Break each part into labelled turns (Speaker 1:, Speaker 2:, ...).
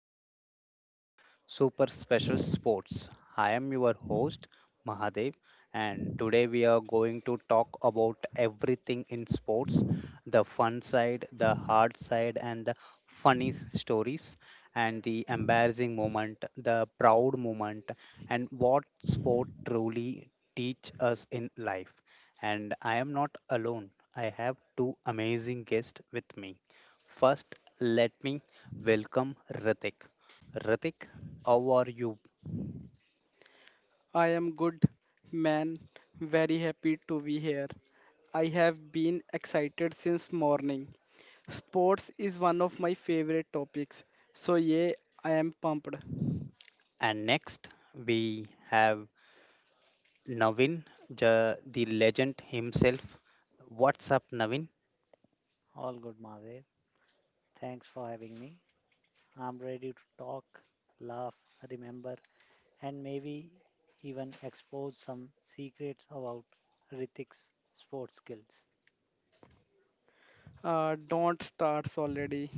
Speaker 1: topic is our super special sports. I am your host Mahadev and today we are going to talk about everything in sports, the fun side, the hard side and the stories and the embarrassing moment, the proud moment and what sport truly teach us in life and I am not alone. I have two amazing guests with me. First, let me welcome Ritik. Ritik, how are you?
Speaker 2: I am good, man. Very happy to be here. I have been excited since morning. Sports is one of my favorite topics. So yeah, I am pumped.
Speaker 1: And next, we have Navin, the legend himself. What's up, Navin?
Speaker 3: All good, Madev. Thanks for having me. I'm ready to talk, laugh, remember, and maybe even expose some secrets about Ritik's sports skills.
Speaker 2: Don't start already.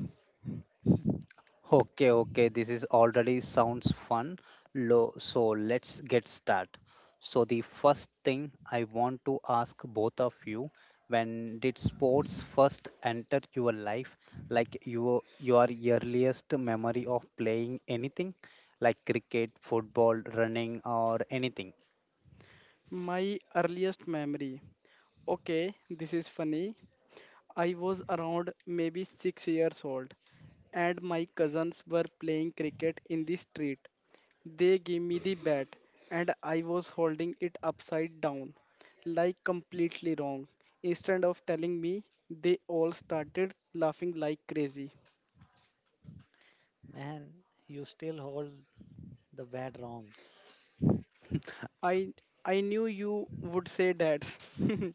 Speaker 1: Okay, okay, this is already sounds fun. Lo, so let's get started. So the first thing I want to ask both of you, when did sports first enter your life? Like your earliest memory of playing anything, like cricket, football, running, or anything.
Speaker 2: My earliest memory. Okay, this is funny. I was around maybe 6 years old, and my cousins were playing cricket in the street. They gave me the bat, and I was holding it upside down, like completely wrong. Instead of telling me, they all started laughing like crazy.
Speaker 3: Man, you still hold the bad wrong.
Speaker 2: I I knew you would say that.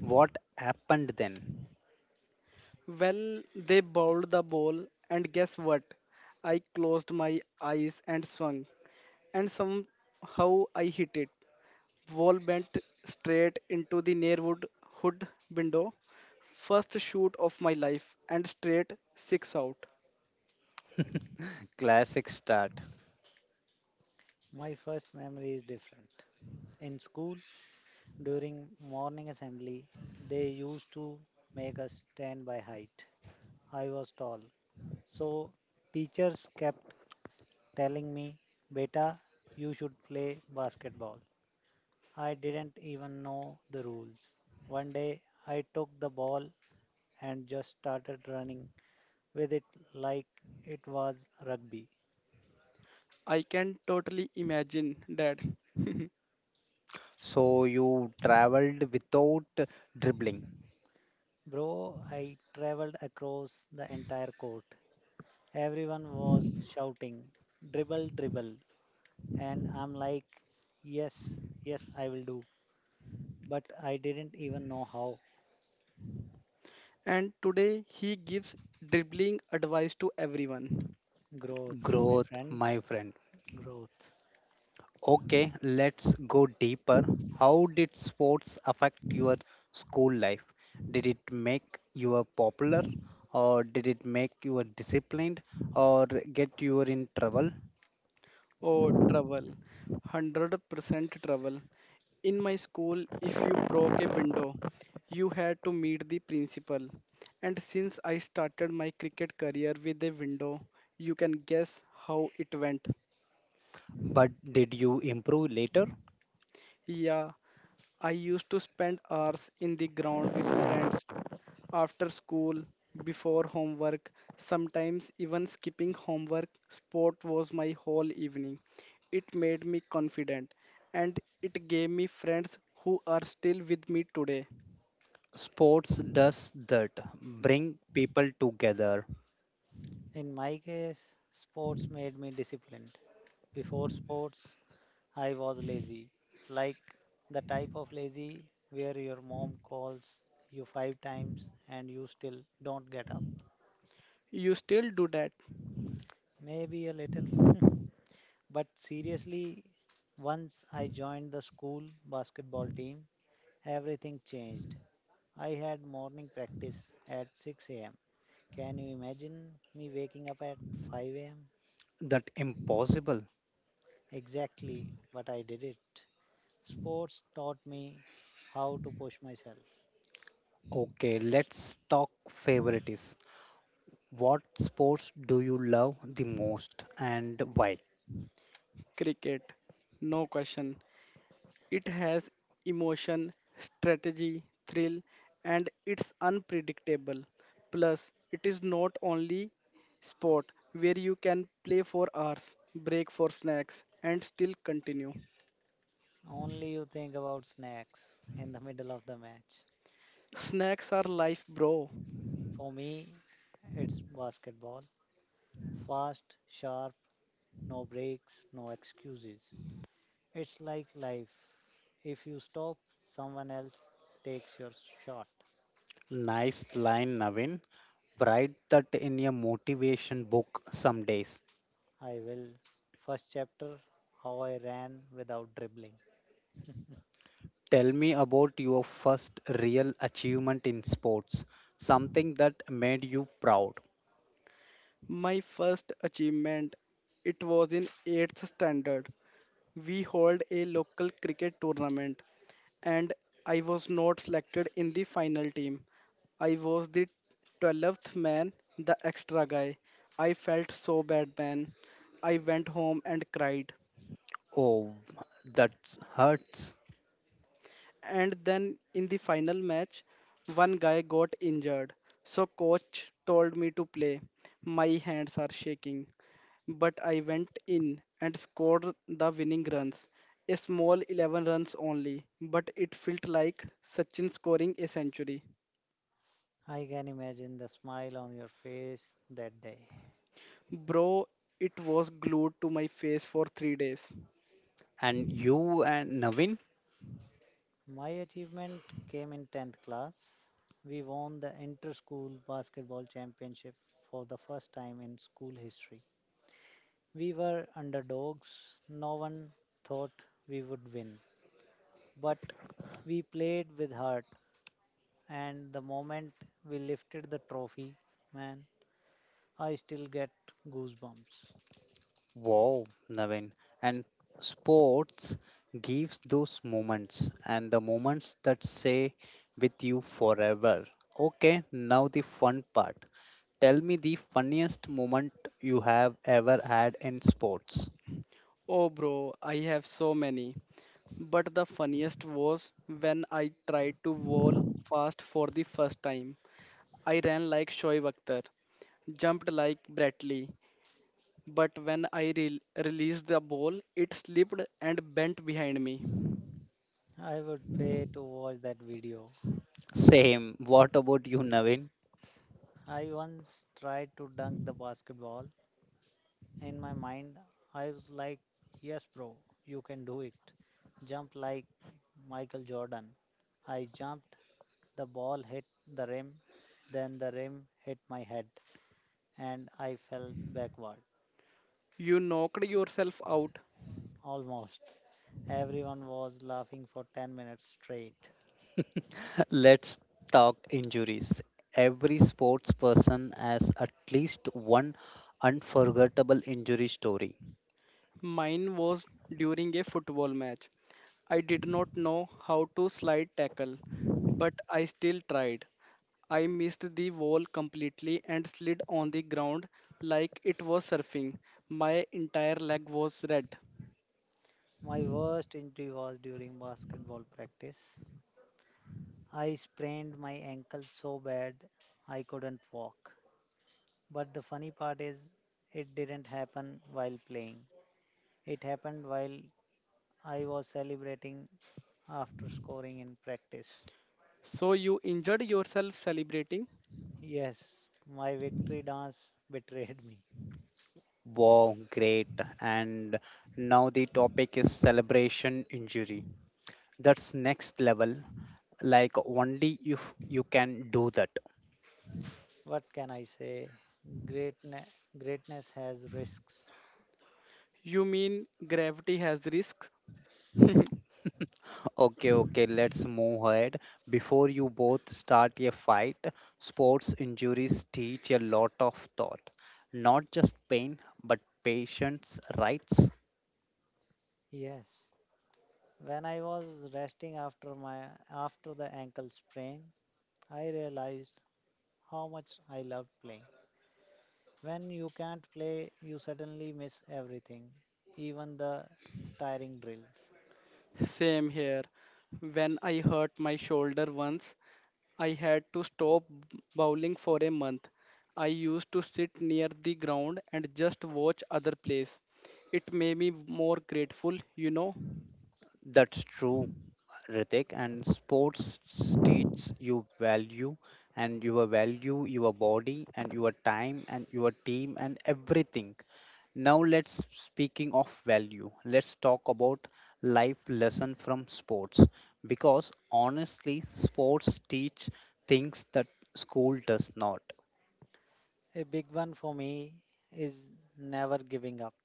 Speaker 1: What happened then?
Speaker 2: Well, they bowled the ball, and guess what? I closed my eyes and swung, and somehow I hit it. Ball bent straight into the nearwood hood window. First shoot of my life, and straight six out.
Speaker 1: Classic start.
Speaker 3: My first memory is different. In school, during morning assembly, they used to make us stand by height. I was tall, so teachers kept telling me, Beta, you should play basketball. I didn't even know the rules. One day I took the ball and just started running with it like it was rugby.
Speaker 2: I can totally imagine that.
Speaker 1: So you traveled without dribbling.
Speaker 3: Bro, I traveled across the entire court. Everyone was shouting, dribble, dribble. And I'm like, yes, yes, I will do. But I didn't even know how.
Speaker 2: And today he gives dribbling advice to everyone.
Speaker 3: Growth, my
Speaker 1: Growth,
Speaker 3: friend,
Speaker 1: my friend.
Speaker 3: growth.
Speaker 1: Okay, let's go deeper. How did sports affect your school life? Did it make you popular, or did it make you disciplined, or get you in trouble?
Speaker 2: Oh, trouble. 100% trouble. In my school, if you broke a window, you had to meet the principal. And since I started my cricket career with a window, you can guess how it went.
Speaker 1: But did you improve later?
Speaker 2: Yeah, I used to spend hours in the ground with friends after school, before homework, sometimes even skipping homework. Sport was my whole evening. It made me confident, and it gave me friends who are still with me today.
Speaker 1: Sports does that, bring people together.
Speaker 3: In my case, sports made me disciplined. Before sports, I was lazy, like the type of lazy where your mom calls you five times and you still don't get up.
Speaker 2: You still do that.
Speaker 3: Maybe a little. But seriously, once I joined the school basketball team, everything changed. I had morning practice at 6 a.m. Can you imagine me waking up at 5 a.m.?
Speaker 1: That impossible.
Speaker 3: Exactly, but I did it. Sports taught me how to push myself.
Speaker 1: Okay, let's talk favorites. What sports do you love the most and why?
Speaker 2: Cricket? No question. It has emotion, strategy, thrill, and it's unpredictable. Plus, it is not only sport where you can play for hours, break for snacks, and still continue.
Speaker 3: Only you think about snacks in the middle of the match.
Speaker 2: Snacks are life, bro.
Speaker 3: For me, it's basketball. Fast, sharp, no breaks, no excuses. It's like life. If you stop, someone else takes your shot.
Speaker 1: Nice line, Navin. Write that in a motivation book some days.
Speaker 3: I will. First chapter, how I ran without dribbling.
Speaker 1: Tell me about your first real achievement in sports, something that made you proud.
Speaker 2: My first achievement, it was in 8th standard. We hold a local cricket tournament, and I was not selected in the final team. I was the 12th man, the extra guy. I felt so bad, man. I went home and cried.
Speaker 1: Oh, that hurts.
Speaker 2: And then in the final match, one guy got injured, so coach told me to play. My hands are shaking, but I went in and scored the winning runs, a small 11 runs only, but it felt like Sachin scoring a century.
Speaker 3: I can imagine the smile on your face that day.
Speaker 2: Bro, it was glued to my face for 3 days.
Speaker 1: And you and Navin?
Speaker 3: My achievement came in 10th class. We won the inter school basketball championship for the first time in school history. We were underdogs. No one thought we would win. But we played with heart, and the moment we lifted the trophy, man, I still get goosebumps.
Speaker 1: Wow, Navin. And sports gives those moments and the moments that stay with you forever. Okay, now the fun part. Tell me the funniest moment you have ever had in sports.
Speaker 2: Oh bro, I have so many, but the funniest was when I tried to bowl fast for the first time. I ran like Shoaib Akhtar, jumped like Bradley, but when I released the ball, it slipped and bent behind me.
Speaker 3: I would pay to watch that video.
Speaker 1: Same. What about you, Navin?
Speaker 3: I once tried to dunk the basketball. In my mind, I was like, yes, bro, you can do it. Jump like Michael Jordan. I jumped, the ball hit the rim, then the rim hit my head, and I fell backward.
Speaker 2: You knocked yourself out.
Speaker 3: Almost. Everyone was laughing for 10 minutes straight.
Speaker 1: Let's talk injuries. Every sports person has at least one unforgettable injury story.
Speaker 2: Mine was during a football match. I did not know how to slide tackle, but I still tried. I missed the wall completely and slid on the ground like it was surfing. My entire leg was red.
Speaker 3: My worst injury was during basketball practice. I sprained my ankle so bad I couldn't walk. But the funny part is, it didn't happen while playing. It happened while I was celebrating after scoring in practice.
Speaker 2: So you injured yourself celebrating?
Speaker 3: Yes, my victory dance betrayed me.
Speaker 1: Wow, great. And now the topic is celebration injury. That's next level. Like only if you can do that.
Speaker 3: What can I say? Greatne- greatness has risks.
Speaker 2: You mean gravity has risks?
Speaker 1: Okay, okay, let's move ahead. Before you both start a fight, sports injuries teach a lot of thought. Not just pain, but patience, rights.
Speaker 3: Yes. When I was resting after the ankle sprain, I realized how much I loved playing. When you can't play, you suddenly miss everything, even the tiring drills.
Speaker 2: Same here. When I hurt my shoulder once, I had to stop bowling for a month. I used to sit near the ground and just watch other plays. It made me more grateful, you know.
Speaker 1: That's true. Ritik, and sports teaches you value and your value, your body and your time and your team and everything. Now let's speaking of value. Let's talk about life lesson from sports because honestly, sports teach things that school does not.
Speaker 3: A big one for me is never giving up.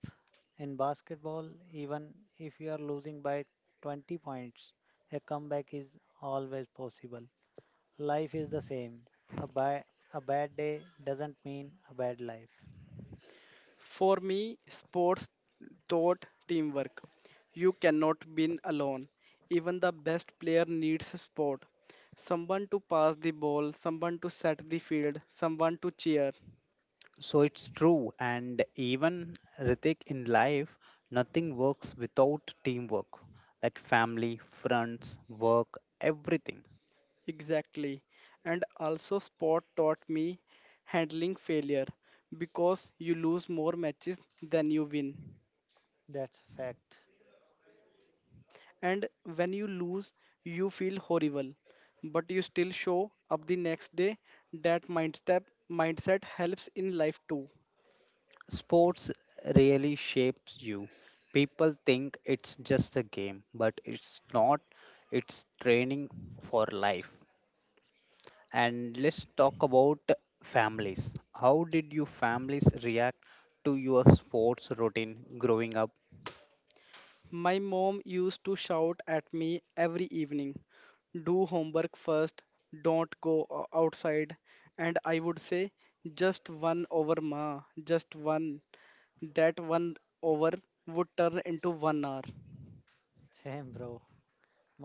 Speaker 3: In basketball, even if you are losing by 20 points, a comeback is always possible. Life is the same. A, ba- a bad day doesn't mean a bad life.
Speaker 2: For me, sports taught teamwork. You cannot win alone. Even the best player needs support. Someone to pass the ball, someone to set the field, someone to cheer.
Speaker 1: So it's true, and even Ritik in life, nothing works without teamwork, like family, friends, work, everything.
Speaker 2: Exactly. And also, sport taught me handling failure, because you lose more matches than you win.
Speaker 3: That's fact.
Speaker 2: And when you lose, you feel horrible, but you still show up the next day. That mindset helps in life too.
Speaker 1: Sports really shapes you. People think it's just a game, but it's not. It's training for life. And let's talk about families. How did your families react to your sports routine growing up?
Speaker 2: My mom used to shout at me every evening, do homework first, don't go outside. And I would say, just one over, ma, just one. That one over would turn into one hour.
Speaker 3: Same, bro.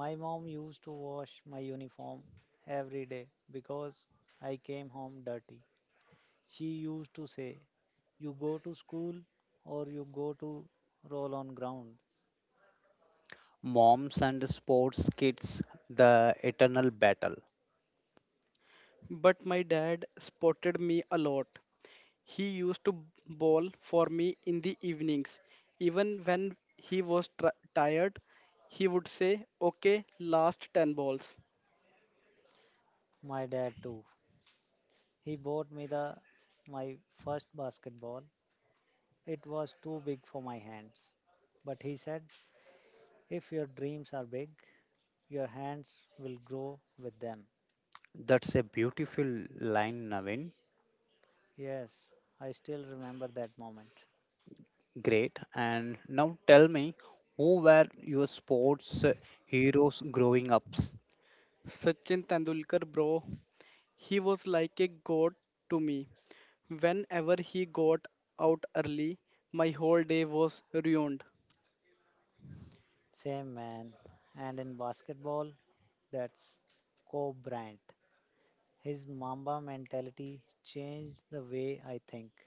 Speaker 3: My mom used to wash my uniform every day because I came home dirty. She used to say, you go to school or you go to roll on ground.
Speaker 1: Moms and sports kids, the eternal battle.
Speaker 2: But my dad spotted me a lot. He used to bowl for me in the evenings. Even when he was tired, he would say, okay, last 10 balls.
Speaker 3: My dad too. He bought me the my first basketball. It was too big for my hands. But he said, if your dreams are big, your hands will grow with them.
Speaker 1: That's a beautiful line, Navin.
Speaker 3: Yes, I still remember that moment.
Speaker 1: Great. And now tell me, who were your sports heroes growing up?
Speaker 2: Sachin Tendulkar, bro, he was like a god to me. Whenever he got out early, my whole day was ruined.
Speaker 3: Same, man. And in basketball, that's Kobe Bryant. His Mamba mentality changed the way I think.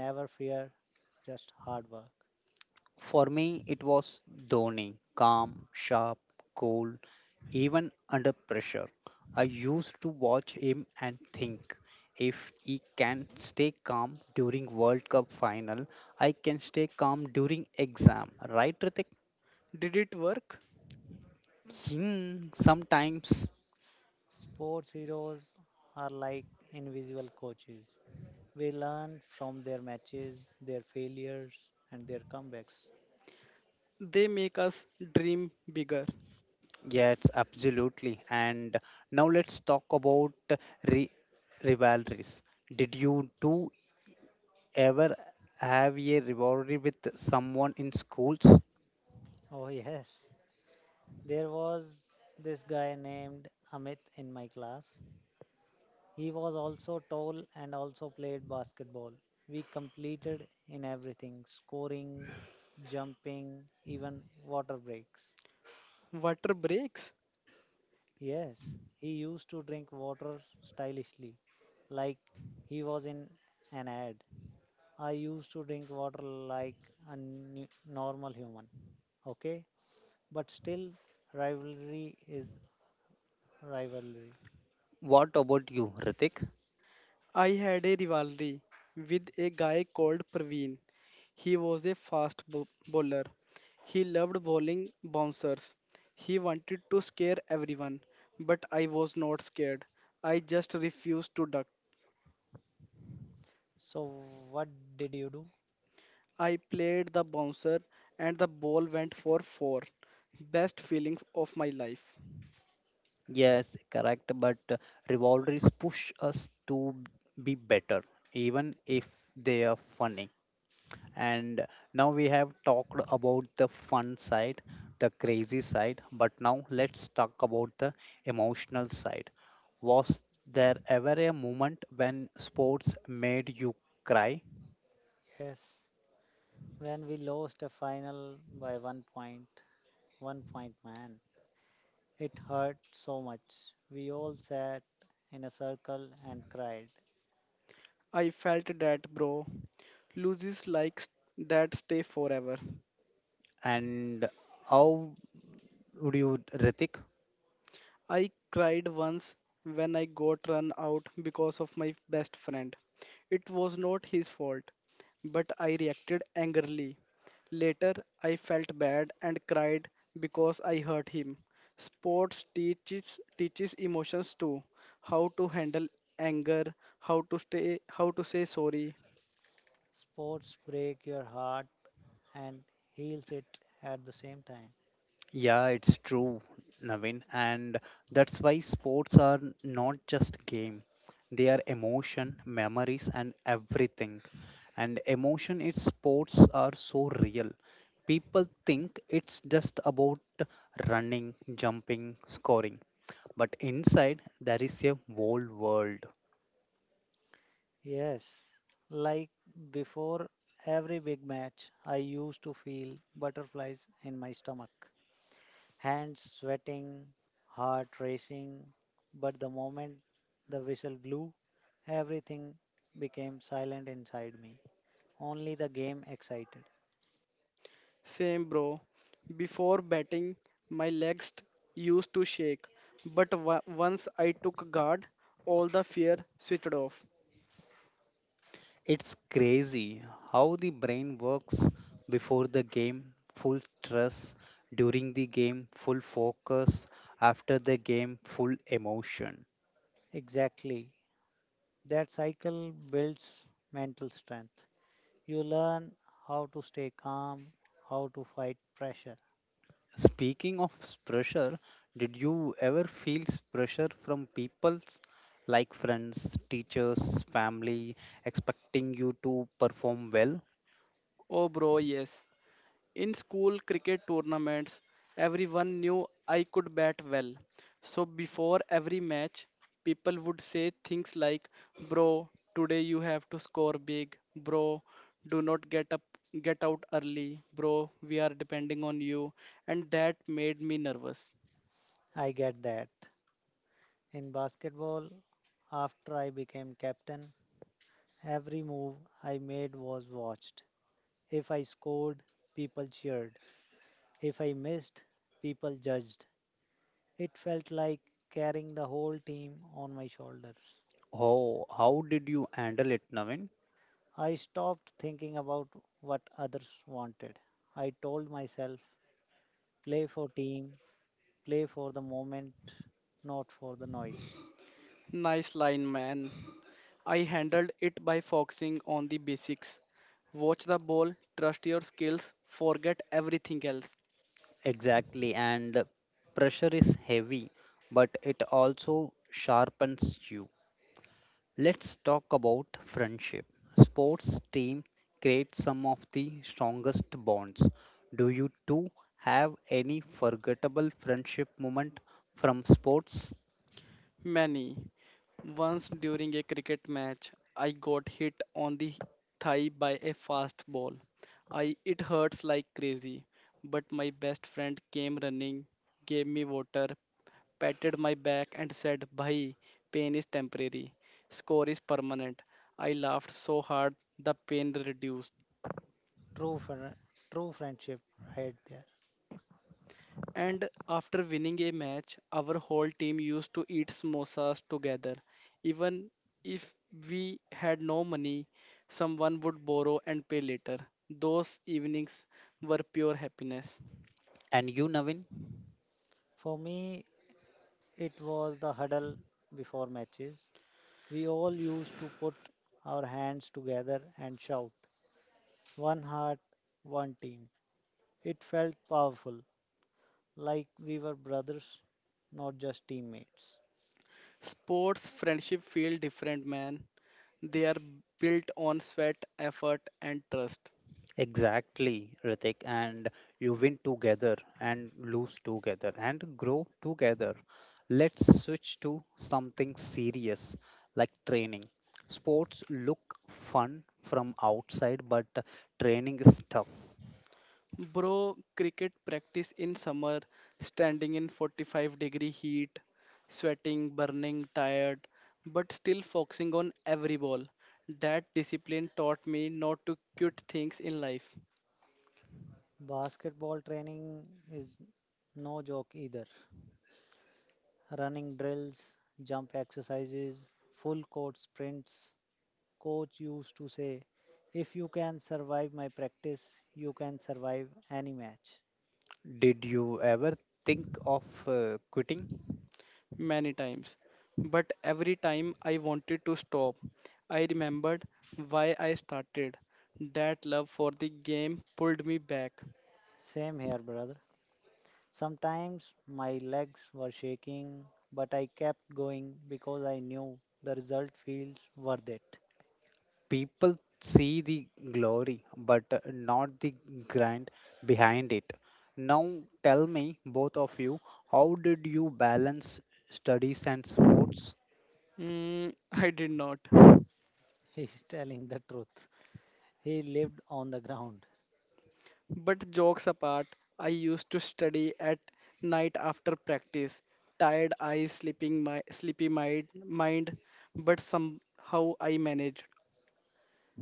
Speaker 3: Never fear, just hard work.
Speaker 1: For me, it was Dhoni, calm, sharp, cool, even under pressure. I used to watch him and think, if he can stay calm during World Cup final, I can stay calm during exam. Right, Ritik?
Speaker 2: Did it work?
Speaker 1: Hmm, sometimes,
Speaker 3: Sports heroes are like invisible coaches. We learn from their matches, their failures, and their comebacks.
Speaker 2: They make us dream bigger.
Speaker 1: yes, absolutely. And now let's talk about re- rivalries. Did you two ever have a rivalry with someone in schools?
Speaker 3: Oh, yes. There was this guy named Amit in my class. He was also tall and also played basketball. We completed in everything, scoring, jumping, even water breaks.
Speaker 2: Water breaks.
Speaker 3: Yes, he used to drink water stylishly, like he was in an ad. I used to drink water like a normal human. Okay, but still, rivalry is rivalry.
Speaker 1: What about you, Ritik?
Speaker 2: I had a rivalry with a guy called Praveen. He was a bowler. He loved bowling bouncers. He wanted to scare everyone, but I was not scared. I just refused to duck.
Speaker 3: So what did you do?
Speaker 2: I played the bouncer and the ball went for four. Best feeling of my life.
Speaker 1: Yes, correct. But rivalries push us to be better, even if they are funny. And now we have talked about the fun side, the crazy side, but now let's talk about the emotional side. Was there ever a moment when sports made you cry?
Speaker 3: Yes, when we lost a final by one point. One point, man, it hurt so much. We all sat in a circle and cried.
Speaker 2: I felt that, bro. Loses like that stay forever.
Speaker 1: And how would you, Ritik?
Speaker 2: I cried once when I got run out because of my best friend. It was not his fault, but I reacted angrily. Later, I felt bad and cried because I hurt him. Sports teaches emotions too, how to handle anger, how to say sorry.
Speaker 3: Sports break your heart and heals it at the same time.
Speaker 1: Yeah, it's true, Navin. And that's why sports are not just game. They are emotion, memories, and everything. And emotion in sports are so real. People think it's just about running, jumping, scoring. But inside, there is a whole world.
Speaker 3: Yes, like before every big match, I used to feel butterflies in my stomach, hands sweating, heart racing. But the moment the whistle blew, everything became silent inside me. Only the game excited.
Speaker 2: Same, bro. Before batting, my legs t- used to shake, but once I took guard, all the fear switched off.
Speaker 1: It's crazy how the brain works before the game, full stress, during the game, full focus, after the game, full emotion.
Speaker 3: Exactly. That cycle builds mental strength. You learn how to stay calm, how to fight pressure.
Speaker 1: Speaking of pressure, did you ever feel pressure from people like friends, teachers, family expecting you to perform well?
Speaker 2: Oh, bro, yes. In school cricket tournaments, everyone knew I could bat well. So before every match, people would say things like, bro, today you have to score big. Bro, do not get up, get out early. Bro, we are depending on you. And that made me nervous.
Speaker 3: I get that. In basketball, after I became captain, every move I made was watched. If I scored, people cheered. If I missed, people judged. It felt like carrying the whole team on my shoulders.
Speaker 1: Oh, how did you handle it, Navin?
Speaker 3: I stopped thinking about what others wanted. I told myself, play for team, play for the moment, not for the noise.
Speaker 2: Nice line, man. I handled it by focusing on the basics. Watch the ball, trust your skills, forget everything else.
Speaker 1: Exactly, and pressure is heavy, but it also sharpens you. Let's talk about friendship. Sports teams create some of the strongest bonds. Do you two have any forgettable friendship moment from sports?
Speaker 2: Many. Once during a cricket match, I got hit on the thigh by a fast ball. I It hurts like crazy, but my best friend came running, gave me water, patted my back and said, Bhai, pain is temporary, score is permanent. I laughed so hard the pain reduced.
Speaker 3: True, fri true friendship right there.
Speaker 2: And after winning a match, our whole team used to eat samosas together. Even if we had no money, someone would borrow and pay later. Those evenings were pure happiness.
Speaker 1: And you, Navin?
Speaker 3: For me, it was the huddle before matches. We all used to put our hands together and shout, one heart, one team. It felt powerful, like we were brothers, not just teammates.
Speaker 2: Sports friendship feel different, man. They are built on sweat, effort, and trust.
Speaker 1: Exactly, Ritik. And you win together and lose together and grow together. Let's switch to something serious like training. Sports look fun from outside, but training is tough.
Speaker 2: Bro, cricket practice in summer, standing in 45-degree heat, sweating, burning, tired, but still focusing on every ball. That discipline taught me not to quit things in life.
Speaker 3: Basketball training is no joke either. Running drills, jump exercises, full court sprints. Coach used to say, if you can survive my practice, you can survive any match.
Speaker 1: Did you ever think of quitting?
Speaker 2: Many times. But every time I wanted to stop, I remembered why I started. That love for the game pulled me back.
Speaker 3: Same here, brother. Sometimes my legs were shaking, but I kept going because I knew the result feels worth it.
Speaker 1: People see the glory but not the grind behind it. Now tell me, both of you, how did you balance studies and sports?
Speaker 2: Mm, I did not.
Speaker 3: He's telling the truth. He lived on the ground.
Speaker 2: But jokes apart, I used to study at night after practice. Tired eyes, sleeping my sleepy mind, but somehow I managed.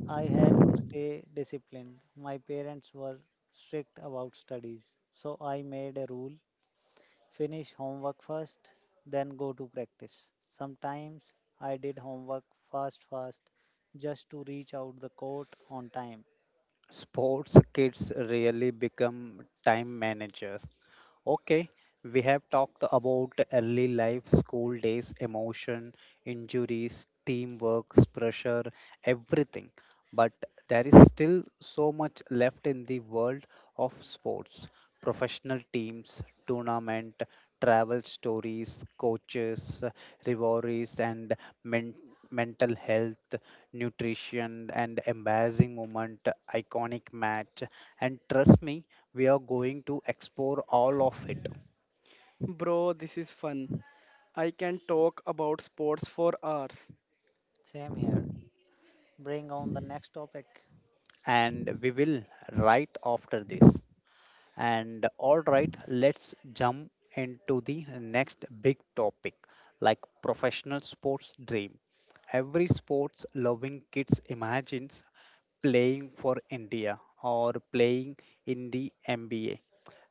Speaker 3: I had to stay disciplined. My parents were strict about studies, so I made a rule, finish homework first, then go to practice. Sometimes I did homework fast, fast just to reach out the court on time.
Speaker 1: Sports kids really become time managers. Okay, we have talked about early life, school days, emotion, injuries, teamwork, pressure, everything. But there is still so much left in the world of sports professional teams, tournament, travel stories, coaches, rivalries, and men- mental health, nutrition, and embarrassing moment, iconic match. And trust me, we are going to explore all of it
Speaker 2: Bro, this is fun. I can talk about sports for hours.
Speaker 3: Same here. Bring on the next topic.
Speaker 1: and we will right after this. And all right, let's jump into the next big topic like professional sports dream. Every sports loving kids imagines playing for India or playing in the NBA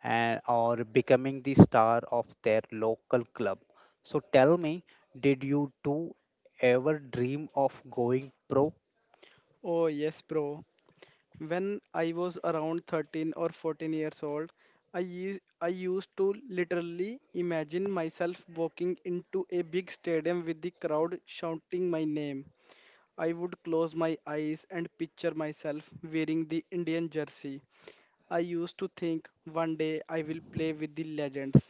Speaker 1: and or becoming the star of their local club. So tell me, did you two ever dream of going pro?
Speaker 2: Oh yes, bro. When I was around 13 or 14 years old, I used to literally imagine myself walking into a big stadium with the crowd shouting my name. I would close my eyes and picture myself wearing the Indian jersey. I used to think one day I will play with the legends.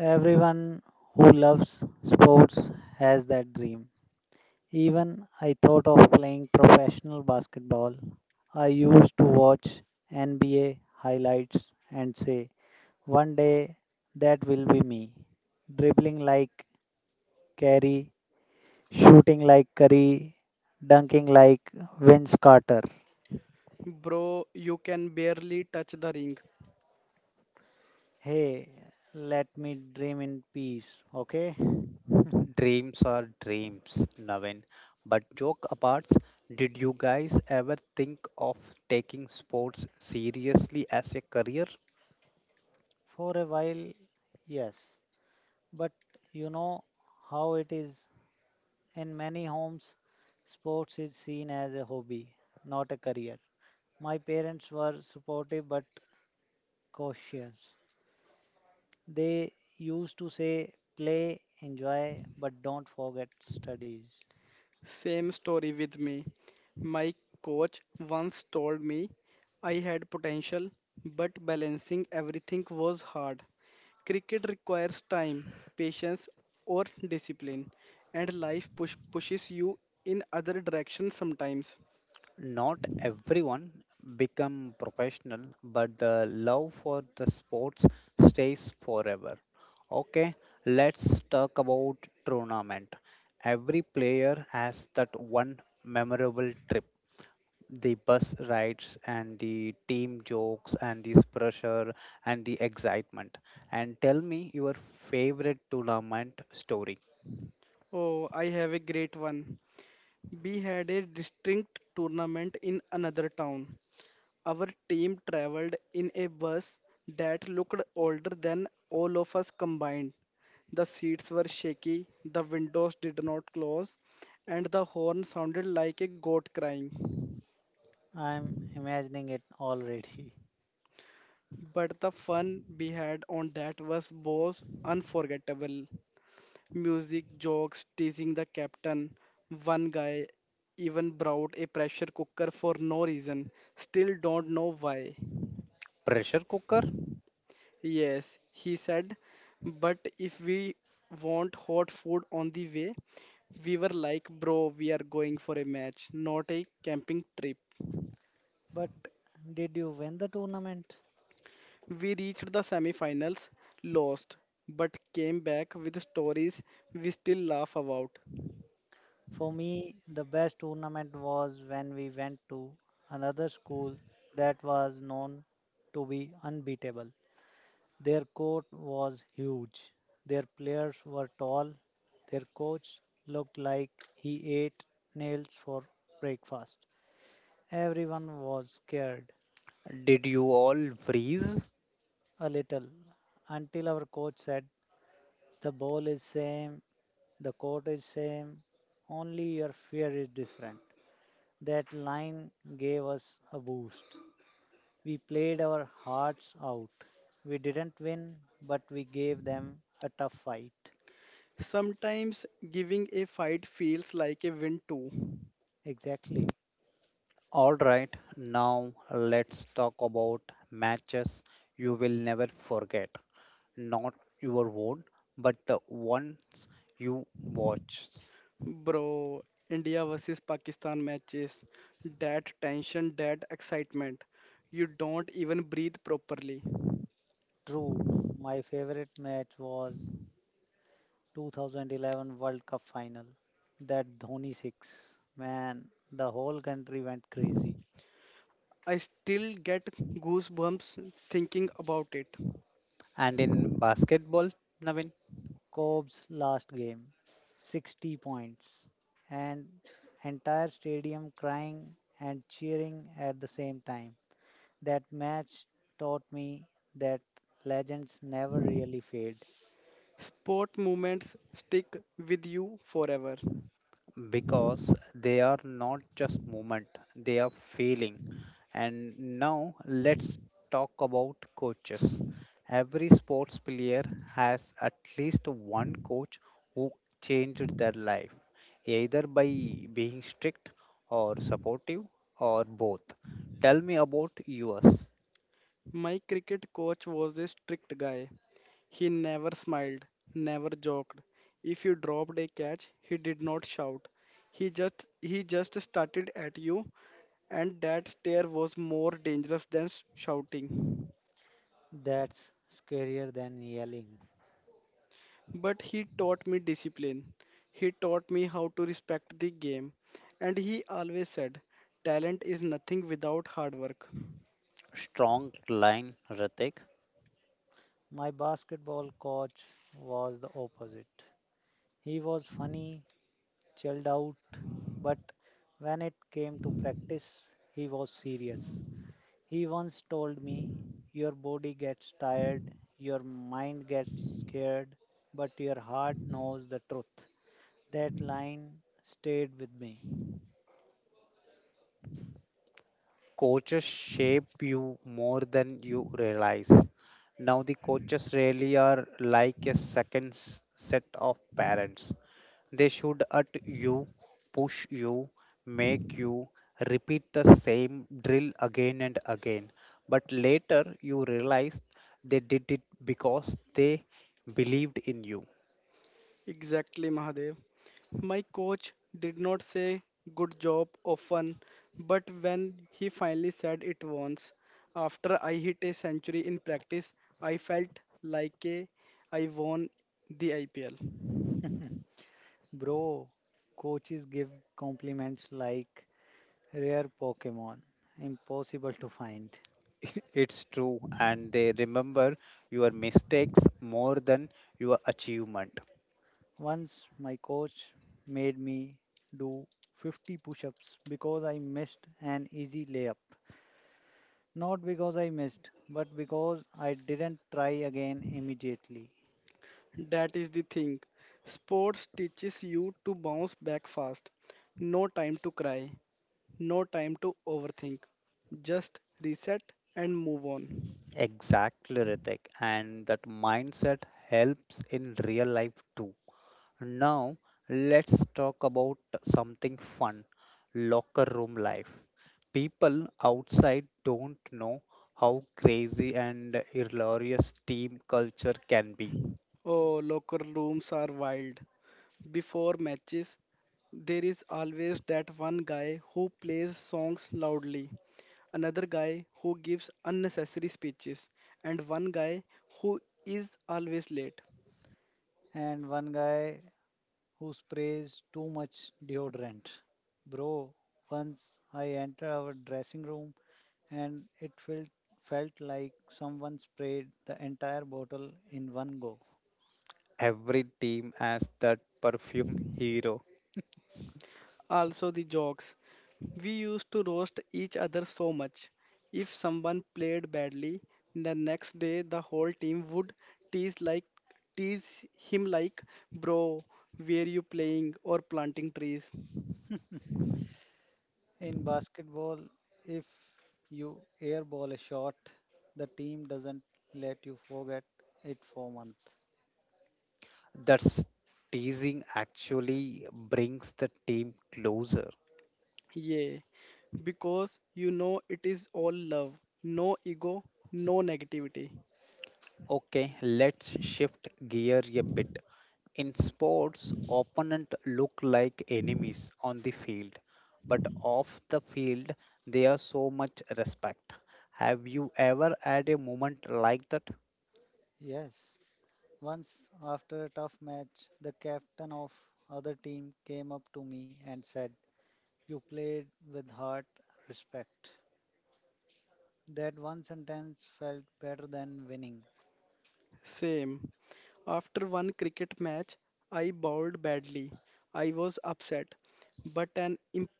Speaker 3: Everyone who loves sports has that dream. Even I thought of playing professional basketball. I used to watch NBA highlights and say, one day that will be me. Dribbling like Carey, shooting like Curry, dunking like Vince Carter.
Speaker 2: Bro, you can barely touch the ring.
Speaker 3: Hey, let me dream in peace, okay?
Speaker 1: Dreams are dreams, Navin. But joke apart, did you guys ever think of taking sports seriously as a career?
Speaker 3: For a while, yes. But you know how it is. In many homes, sports is seen as a hobby, not a career. My parents were supportive but cautious. They used to say, play, enjoy, but don't forget studies.
Speaker 2: Same story with me. My coach once told me I had potential, but balancing everything was hard. Cricket requires time, patience, or discipline, and life pushes you in other directions sometimes.
Speaker 1: Not everyone become professional, but the love for the sports stays forever. Okay, let's talk about tournament. Every player has that one memorable trip the bus rides and the team jokes and this pressure and the excitement. And tell me your favorite tournament story.
Speaker 2: Oh, I have a great one. We had a distinct tournament in another town. Our team traveled in a bus that looked older than all of us combined. The seats were shaky, the windows did not close, and the horn sounded like a goat crying.
Speaker 3: I'm imagining it already.
Speaker 2: But the fun we had on that was unforgettable. Music, jokes, teasing the captain. One guy even brought a pressure cooker for no reason. Still don't know why.
Speaker 1: Pressure cooker?
Speaker 2: Yes, he said, but if we want hot food on the way. We were like, bro, we are going for a match, not a camping trip.
Speaker 3: But did you win the tournament?
Speaker 2: We reached the semi-finals, lost, but came back with stories we still laugh about.
Speaker 3: For me, the best tournament was when we went to another school that was known to be unbeatable. Their court was huge. Their players were tall. Their coach looked like he ate nails for breakfast. Everyone was scared
Speaker 1: Did you all freeze?
Speaker 3: a little until our coach said, the ball is same, the court is same, only your fear is different. That line gave us a boost. We played our hearts out. We didn't win, but we gave them a tough fight.
Speaker 2: Sometimes giving a fight feels like a win too.
Speaker 3: Exactly.
Speaker 1: All right, now let's talk about matches you will never forget. Not your own, but the ones you watched.
Speaker 2: Bro, India versus Pakistan matches. That tension, that excitement. You don't even breathe properly.
Speaker 3: True, my favorite match was 2011 World Cup final. That Dhoni 6. Man, the whole country went crazy.
Speaker 2: I still get goosebumps thinking about it.
Speaker 1: And in basketball, Navin?
Speaker 3: Cobb's last game, 60 points, and entire stadium crying and cheering at the same time. That match taught me that legends never really fade.
Speaker 2: Sport moments stick with you forever.
Speaker 1: Because they are not just movement, they are feeling. And now let's talk about coaches. Every sports player has at least one coach who changed their life, either by being strict or supportive or both. Tell me about yours.
Speaker 2: My cricket coach was a strict guy. He never smiled, never joked. If you dropped a catch, he did not shout. He just started at you, and that stare was more dangerous than shouting.
Speaker 3: That's scarier than yelling.
Speaker 2: But he taught me discipline. He taught me how to respect the game. And he always said, talent is nothing without hard work.
Speaker 1: Strong line, Ritik.
Speaker 3: My basketball coach was the opposite. He was funny, chilled out, but when it came to practice, he was serious. He once told me, your body gets tired, your mind gets scared, but your heart knows the truth. That line stayed with me.
Speaker 1: Coaches shape you more than you realize. Now, the coaches really are like a second s- set of parents. They should at you, push you, make you repeat the same drill again and again. But later you realize they did it because they believed in you.
Speaker 2: Exactly, Mahadev. My coach did not say good job often, but when he finally said it once, after I hit a century in practice, I felt like, I won the IPL.
Speaker 3: Bro, coaches give compliments like rare Pokemon, impossible to find.
Speaker 1: It's true, and they remember your mistakes more than your achievement.
Speaker 3: Once my coach made me do 50 push ups because I missed an easy layup. Not because I missed, but because I didn't try again immediately.
Speaker 2: That is the thing. Sports teaches you to bounce back fast. No time to cry, no time to overthink. Just reset and move on.
Speaker 1: Exactly, Ritik. And that mindset helps in real life too. Now, let's talk about something fun locker room life. People outside don't know how crazy and hilarious team culture can be.
Speaker 2: Oh, locker rooms are wild. Before matches, there is always that one guy who plays songs loudly, another guy who gives unnecessary speeches, and one guy who is always late.
Speaker 3: And one guy who sprays too much deodorant. Bro, once I entered our dressing room and it felt like someone sprayed the entire bottle in one go.
Speaker 1: Every team has that perfume hero.
Speaker 2: Also, the jokes. We used to roast each other so much. If someone played badly, the next day the whole team would tease like tease him like, "Bro, were you playing or planting trees?"
Speaker 3: In basketball, if you airball a shot, the team doesn't let you forget it for months.
Speaker 1: That's teasing actually brings the team closer.
Speaker 2: Yeah, because you know it is all love, no ego, no negativity.
Speaker 1: Okay, let's shift gear a bit. In sports, opponents look like enemies on the field, but off the field, they are so much respect. Have you ever had a moment like that?
Speaker 3: Yes. Once after a tough match, the captain of other team came up to me and said, "You played with heart, respect." That one sentence felt better than winning,
Speaker 2: Same. After one cricket match, I bowled badly. I was upset, but an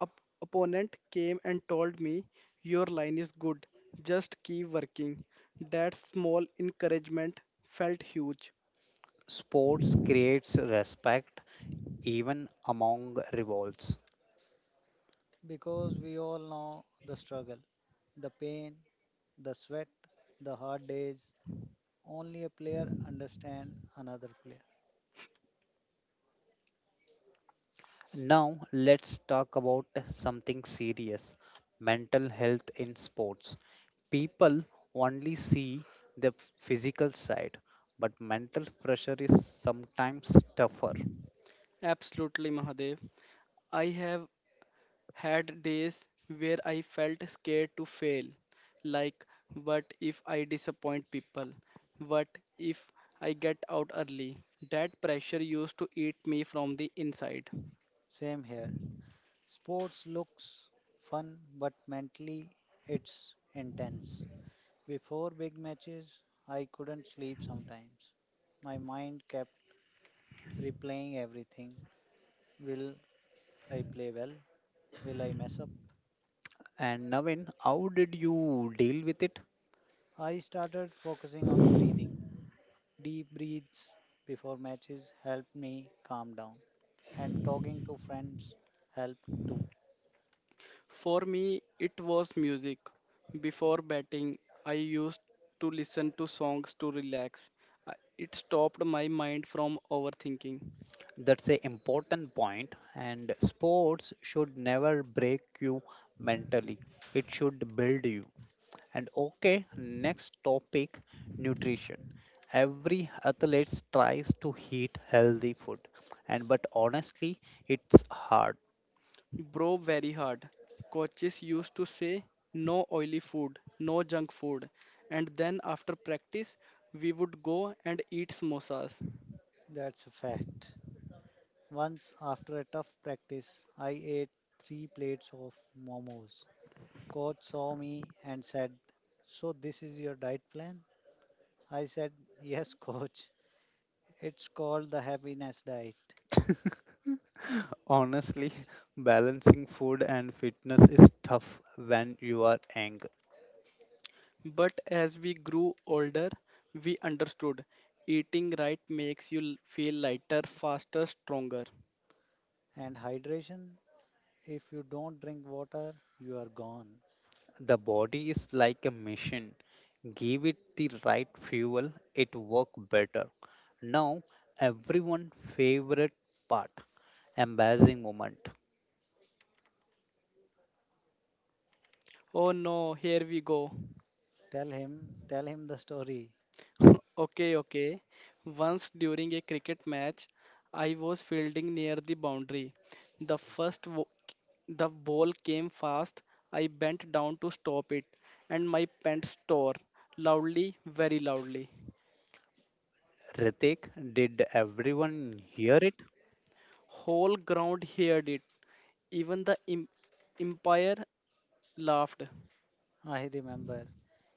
Speaker 2: op- opponent came and told me, your line is good, just keep working. That small encouragement felt huge.
Speaker 1: Sports creates respect even among rivals.
Speaker 3: because we all know the struggle, the pain, the sweat, the hard days. Only a player understands another player.
Speaker 1: Now, let's talk about something serious mental health in sports. People only see the physical side, but mental pressure is sometimes tougher.
Speaker 2: Absolutely, Mahadev. I have had days where I felt scared to fail. Like, what if I disappoint people? What if I get out early? That pressure used to eat me from the inside.
Speaker 3: Same here. Sports looks fun, but mentally it's intense. Before big matches, I couldn't sleep sometimes. My mind kept replaying everything. Will I play well? Will I mess up?
Speaker 1: And Navin, how did you deal with it?
Speaker 3: I started focusing on breathing. Deep breaths before matches helped me calm down, and talking to friends helped too.
Speaker 2: For me, it was music. Before betting, I used to listen to songs to relax. I- It stopped my mind from overthinking.
Speaker 1: That's a important point. And sports should never break you mentally. It should build you. And okay, next topic, nutrition. Every athlete tries to eat healthy food, and but honestly, it's hard.
Speaker 2: Bro, very hard. Coaches used to say, no oily food, no junk food. And then after practice, we would go and eat samosas.
Speaker 3: That's a fact. Once, after a tough practice, I ate three plates of momos. Coach saw me and said, so, this is your diet plan? I said, yes, coach. It's called the happiness diet.
Speaker 1: Honestly, balancing food and fitness is tough when you are young.
Speaker 2: But as we grew older, we understood eating right makes you feel lighter, faster, stronger.
Speaker 3: And hydration, if you don't drink water, you are gone.
Speaker 1: The body is like a machine. Give it the right fuel, it work better. Now, everyone favorite part, embarrassing moment.
Speaker 2: Oh no, here we go.
Speaker 3: Tell him the story.
Speaker 2: Okay, okay. Once during a cricket match, I was fielding near the boundary. The first wo- the ball came fast. I bent down to stop it, and my pants tore loudly, very loudly.
Speaker 1: Ritik, did everyone hear it?
Speaker 2: Whole ground heard it. Even the umpire laughed.
Speaker 3: I remember.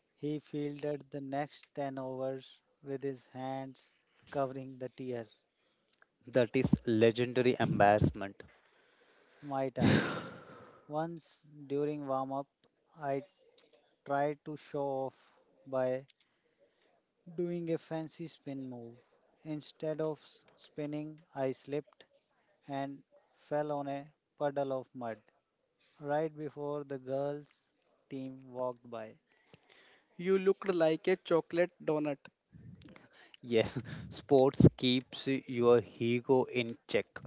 Speaker 3: He fielded the next 10 overs with his hands covering the tier.
Speaker 1: That is legendary embarrassment.
Speaker 3: My turn. Once during warm up, I try to show off by doing a fancy spin move. Instead of spinning, I slipped and fell on a puddle of mud right before the girls' team walked by,
Speaker 2: You looked like a chocolate donut.
Speaker 1: Yes, sports keeps your ego in check.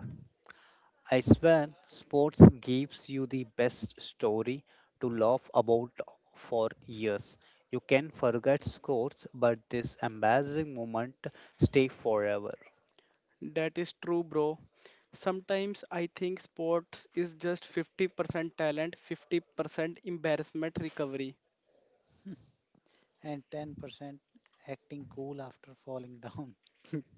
Speaker 1: I swear, sports gives you the best story to laugh about for years. You can forget scores, but this embarrassing moment stay forever.
Speaker 2: That is true, bro. Sometimes I think sports is just 50% talent, 50% embarrassment recovery.
Speaker 3: and 10% acting cool after falling down.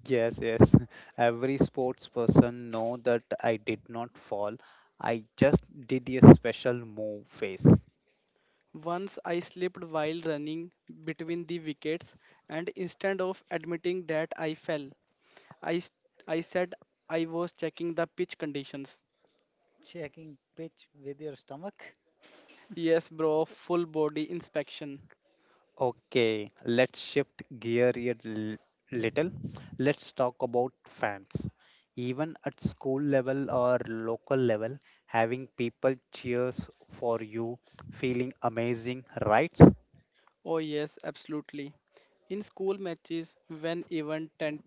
Speaker 1: Yes, yes. Every sports person know that I did not fall. I just did a special move face.
Speaker 2: Once I slipped while running between the wickets, and instead of admitting that I fell, I, s- I said I was checking the pitch conditions.
Speaker 3: Checking pitch with your stomach?
Speaker 2: Yes, bro, full body inspection.
Speaker 1: Okay, let's shift gear a little. Let's talk about fans. Even at school level or local level, having people cheers for you, feeling amazing, right?
Speaker 2: Oh, yes, absolutely. In school matches, when even ten,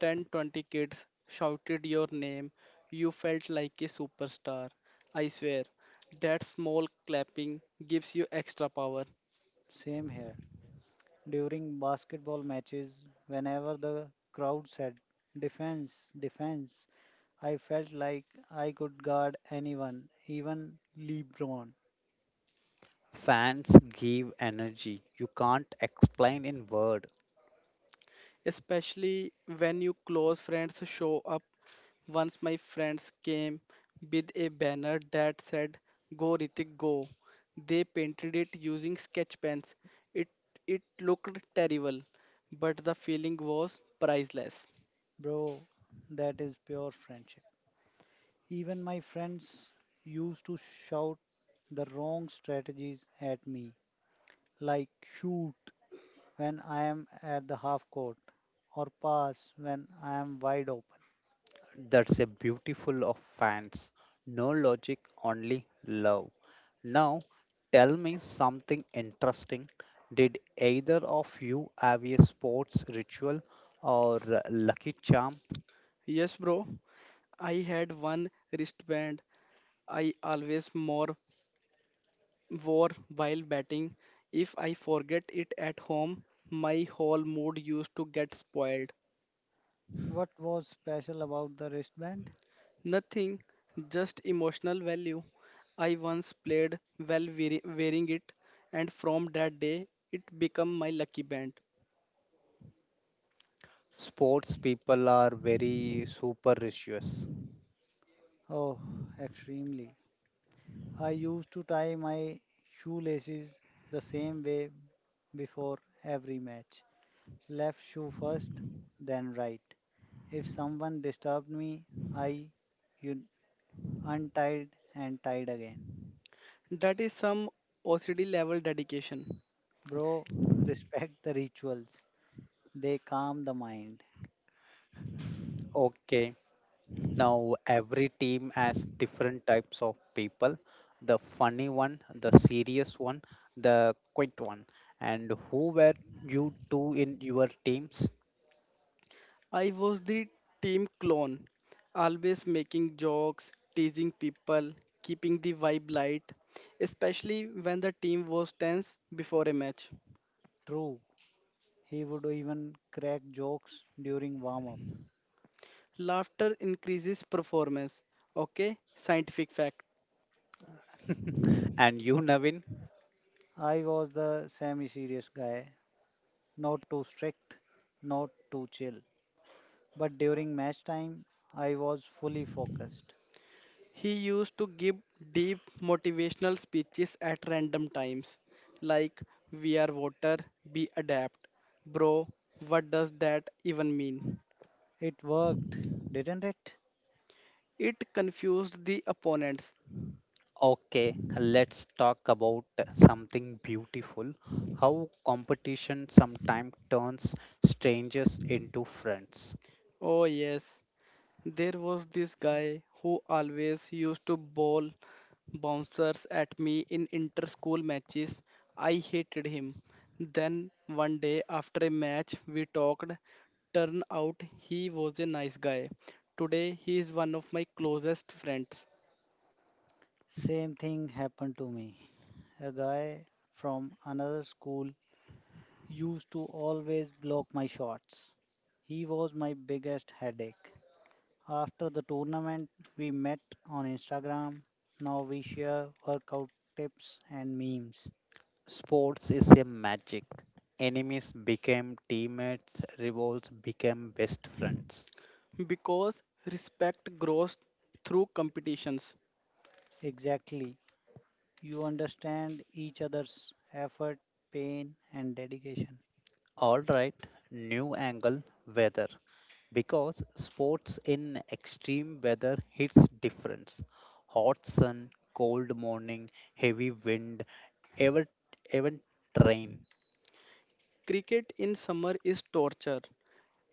Speaker 2: ten, 20 kids shouted your name, you felt like a superstar. I swear, that small clapping gives you extra power.
Speaker 3: Same here. During basketball matches, whenever the crowd said, defense, defense, I felt like I could guard anyone, even LeBron.
Speaker 1: Fans give energy you can't explain in word.
Speaker 2: Especially when your close friends show up. Once my friends came with a banner that said "Go Ritik Go." They painted it using sketch pens. It it looked terrible, but the feeling was priceless.
Speaker 3: Bro, that is pure friendship. Even my friends used to shout the wrong strategies at me, like shoot when I am at the half court or pass when I am wide open.
Speaker 1: That's a beautiful of fans. No logic, only love. Now, tell me something interesting. Did either of you have a sports ritual or lucky charm?
Speaker 2: Yes, bro. I had one wristband I always more wore while batting. If I forget it at home, my whole mood used to get spoiled.
Speaker 3: What was special about the wristband?
Speaker 2: Nothing, just emotional value. I once played while wearing it, and from that day, it became my lucky band.
Speaker 1: Sports people are very superstitious.
Speaker 3: Oh, extremely. I used to tie my shoelaces the same way before every match. Left shoe first, then right. If someone disturbed me, I you untied and tied again.
Speaker 2: That is some OCD level dedication.
Speaker 3: Bro, respect the rituals. They calm the mind.
Speaker 1: Okay, now every team has different types of people. The funny one, the serious one, the quiet one. And who were you two in your teams?
Speaker 2: I was the team clone, always making jokes, teasing people, keeping the vibe light, especially when the team was tense before a match.
Speaker 3: True, he would even crack jokes during warm up.
Speaker 2: Laughter increases performance. Okay, scientific fact.
Speaker 1: And you, Navin?
Speaker 3: I was the semi serious guy, not too strict, not too chill. But during match time, I was fully focused.
Speaker 2: He used to give deep motivational speeches at random times, like, "We are water, we adapt." Bro, what does that even mean?
Speaker 3: It worked, didn't it?
Speaker 2: It confused the opponents.
Speaker 1: Okay, let's talk about something beautiful how competition sometimes turns strangers into friends.
Speaker 2: Oh, yes. There was this guy who always used to bowl bouncers at me in inter school matches. I hated him. Then one day after a match, we talked. Turn out he was a nice guy. Today, he is one of my closest friends.
Speaker 3: Same thing happened to me. A guy from another school used to always block my shots. He was my biggest headache. After the tournament, we met on Instagram. Now we share workout tips and memes.
Speaker 1: Sports is a magic. Enemies became teammates, rivals became best friends.
Speaker 2: Because respect grows through competitions.
Speaker 3: Exactly. You understand each other's effort, pain, and dedication.
Speaker 1: All right, new angle weather. Because sports in extreme weather hits difference. Hot sun, cold morning, heavy wind, ever even rain.
Speaker 2: Cricket in summer is torture.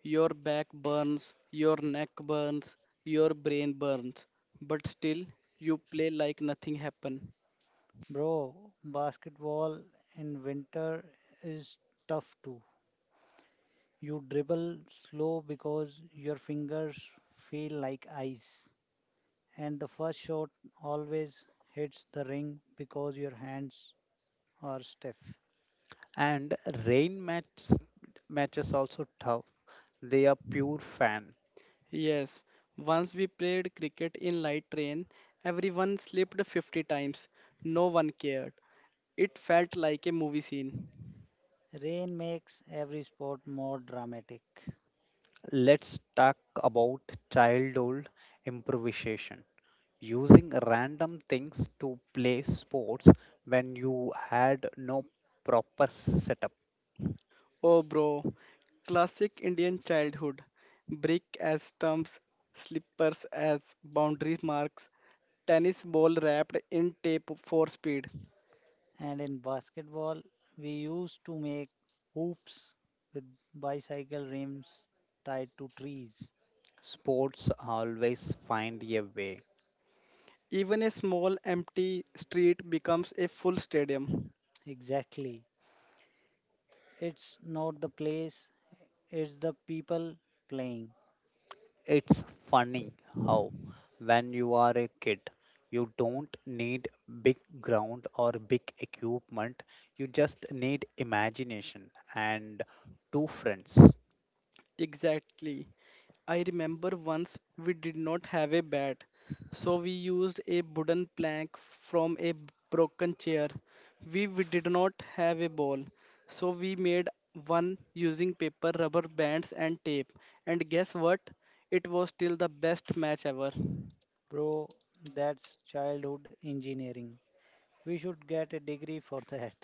Speaker 2: Your back burns, your neck burns, your brain burns, but still you play like nothing happened.
Speaker 3: Bro, basketball in winter is tough too. You dribble slow because your fingers feel like ice. And the first shot always hits the ring because your hands are stiff.
Speaker 1: And rain match matches also tough. They are pure fan.
Speaker 2: Yes, once we played cricket in light rain, everyone slipped 50 times. No one cared. It felt like a movie scene.
Speaker 3: Rain makes every sport more dramatic.
Speaker 1: Let's talk about childhood improvisation. Using random things to play sports when you had no proper setup.
Speaker 2: Oh, bro, classic Indian childhood. Brick as stumps, slippers as boundary marks, tennis ball wrapped in tape for speed.
Speaker 3: And in basketball, we used to make hoops with bicycle rims tied to trees.
Speaker 1: Sports always find a way.
Speaker 2: Even a small empty street becomes a full stadium.
Speaker 3: Exactly. It's not the place, it's the people playing.
Speaker 1: It's funny how, when you are a kid, you don't need big ground or big equipment. You just need imagination and two friends.
Speaker 2: Exactly. I remember once we did not have a bat, so we used a wooden plank from a broken chair. We did not have a ball, so we made one using paper, rubber bands, and tape. And guess what? It was still the best match ever.
Speaker 3: Bro, that's childhood engineering. We should get a degree for that.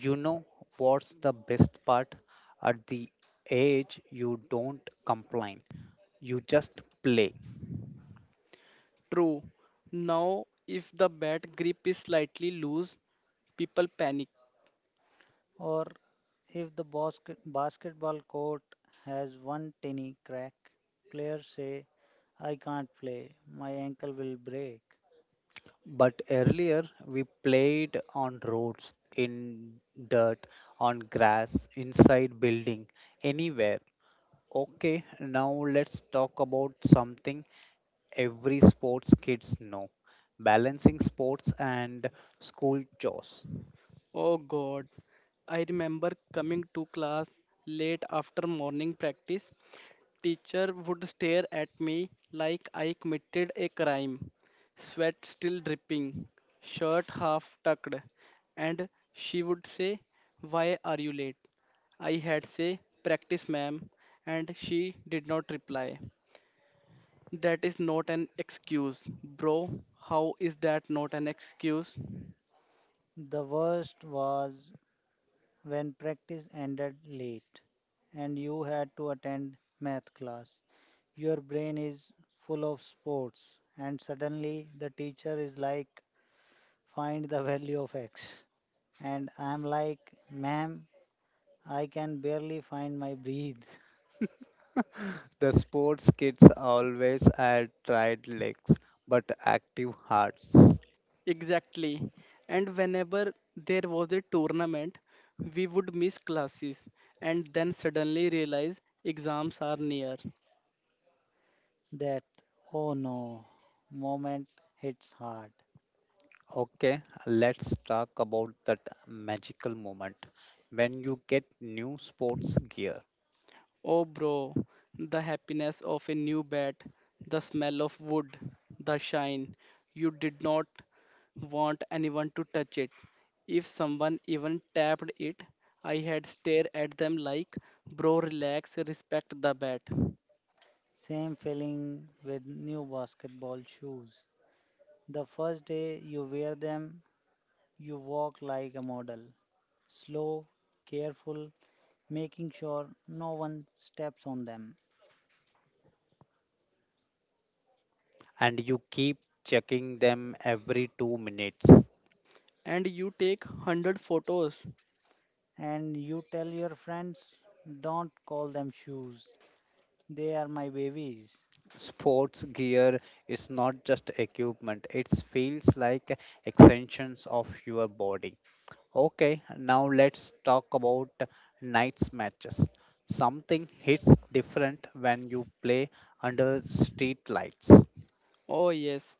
Speaker 1: You know what's the best part? At the age, you don't complain, you just play.
Speaker 2: True. Now, if the bat grip is slightly loose, people panic.
Speaker 3: Or if the basketball court has one tiny crack, players say, I can't play, my ankle will break.
Speaker 1: But earlier, we played on roads, in dirt, on grass, inside building, anywhere. Okay, now let's talk about something every sports kids know balancing sports and school chores.
Speaker 2: Oh God, I remember coming to class late after morning practice. Teacher would stare at me like I committed a crime. Sweat still dripping, shirt half tucked, and she would say, "Why are you late?" I had say, "Practice, ma'am," and she did not reply. That is not an excuse, bro. How is that not an excuse?
Speaker 3: The worst was when practice ended late and you had to attend math class. Your brain is full of sports, and suddenly the teacher is like, find the value of x. And I'm like, ma'am, I can barely find my breath.
Speaker 1: The sports kids always had tried legs but active hearts.
Speaker 2: Exactly. And whenever there was a tournament, we would miss classes and then suddenly realize exams are near.
Speaker 3: That, oh no, moment hits hard.
Speaker 1: Okay, let's talk about that magical moment when you get new sports gear,
Speaker 2: Oh, bro, the happiness of a new bat, the smell of wood, the shine. You did not want anyone to touch it. If someone even tapped it, I had stare at them like, bro, relax, respect the bat.
Speaker 3: Same feeling with new basketball shoes. The first day you wear them, you walk like a model, slow, careful, making sure no one steps on them.
Speaker 1: and you keep checking them every 2 minutes.
Speaker 2: And you take 100 photos.
Speaker 3: And you tell your friends, don't call them shoes, they are my babies.
Speaker 1: Sports gear is not just equipment, it feels like extensions of your body. Okay, now let's talk about nights matches. Something hits different when you play under street lights.
Speaker 2: Oh, yes,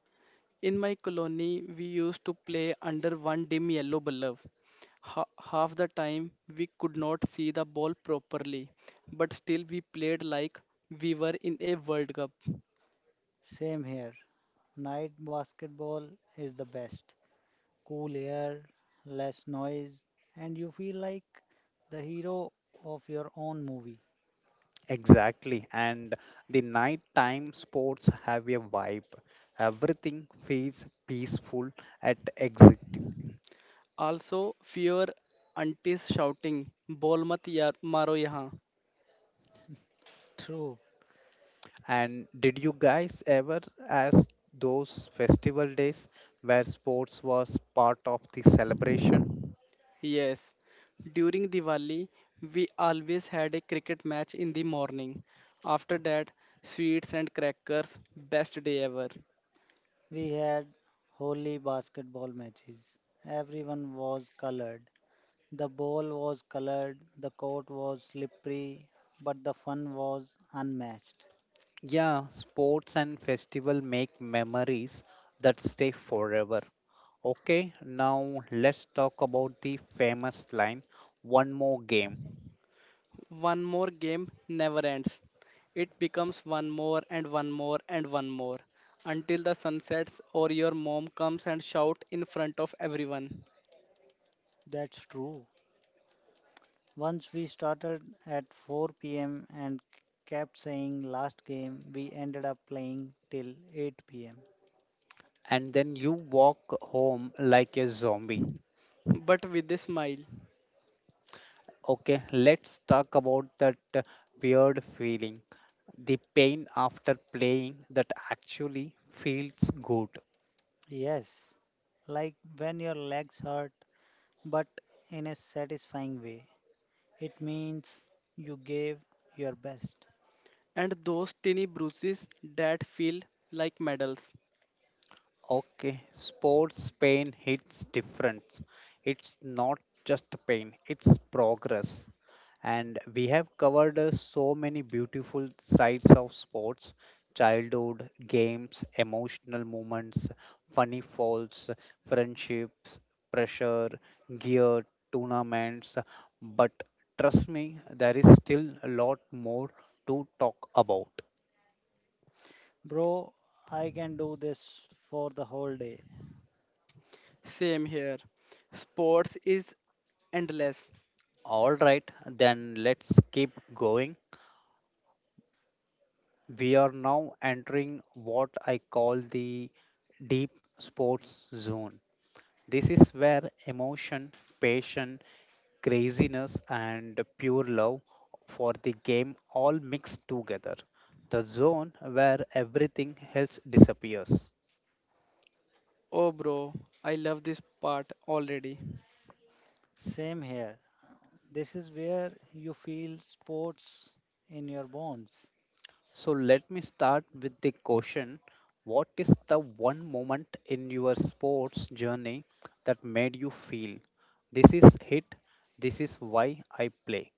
Speaker 2: in my colony, we used to play under one dim yellow bulb. Half the time, we could not see the ball properly, but still we played like we were in a World Cup.
Speaker 3: Same here, night basketball is the best. Cool air, less noise, and you feel like the hero of your own movie.
Speaker 1: Exactly, and the nighttime sports have a vibe. Everything feels peaceful at exit.
Speaker 2: Also, fewer aunties shouting, "Ball mat yaar, maro yahan."
Speaker 3: True.
Speaker 1: And did you guys ever ask those festival days where sports was part of the celebration?
Speaker 2: Yes, during Diwali, we always had a cricket match in the morning. After that, sweets and crackers, best day ever.
Speaker 3: We had holy basketball matches. Everyone was colored. The ball was colored, the court was slippery, but the fun was unmatched.
Speaker 1: Yeah, sports and festival make memories that stay forever. Okay, now let's talk about the famous line, one more game,
Speaker 2: One more game never ends. It becomes one more and one more and one more until the sun sets or your mom comes and shout in front of everyone,
Speaker 3: That's true. Once we started at 4 p.m. and kept saying last game, we ended up playing till 8 pm.
Speaker 1: and then you walk home like a zombie.
Speaker 2: but with a smile,
Speaker 1: Okay, let's talk about that weird feeling, the pain after playing that actually feels good.
Speaker 3: Yes, like when your legs hurt, but in a satisfying way. It means you gave your best.
Speaker 2: and those tiny bruises that feel like medals.
Speaker 1: Okay, sports pain hits different. It's not just pain, it's progress. And we have covered so many beautiful sides of sports childhood, games, emotional moments, funny falls, friendships, pressure, gear, tournaments. But trust me, there is still a lot more to talk about.
Speaker 3: Bro, I can do this for the whole day.
Speaker 2: Same here. Sports is endless.
Speaker 1: All right, then let's keep going. We are now entering what I call the deep sports zone. This is where emotion, passion, craziness, and pure love for the game all mix together. The zone where everything else disappears.
Speaker 2: Oh, bro, I love this part already.
Speaker 3: Same here. This is where you feel sports in your bones.
Speaker 1: So, let me start with the question, what is the one moment in your sports journey that made you feel this is it, this is why I play?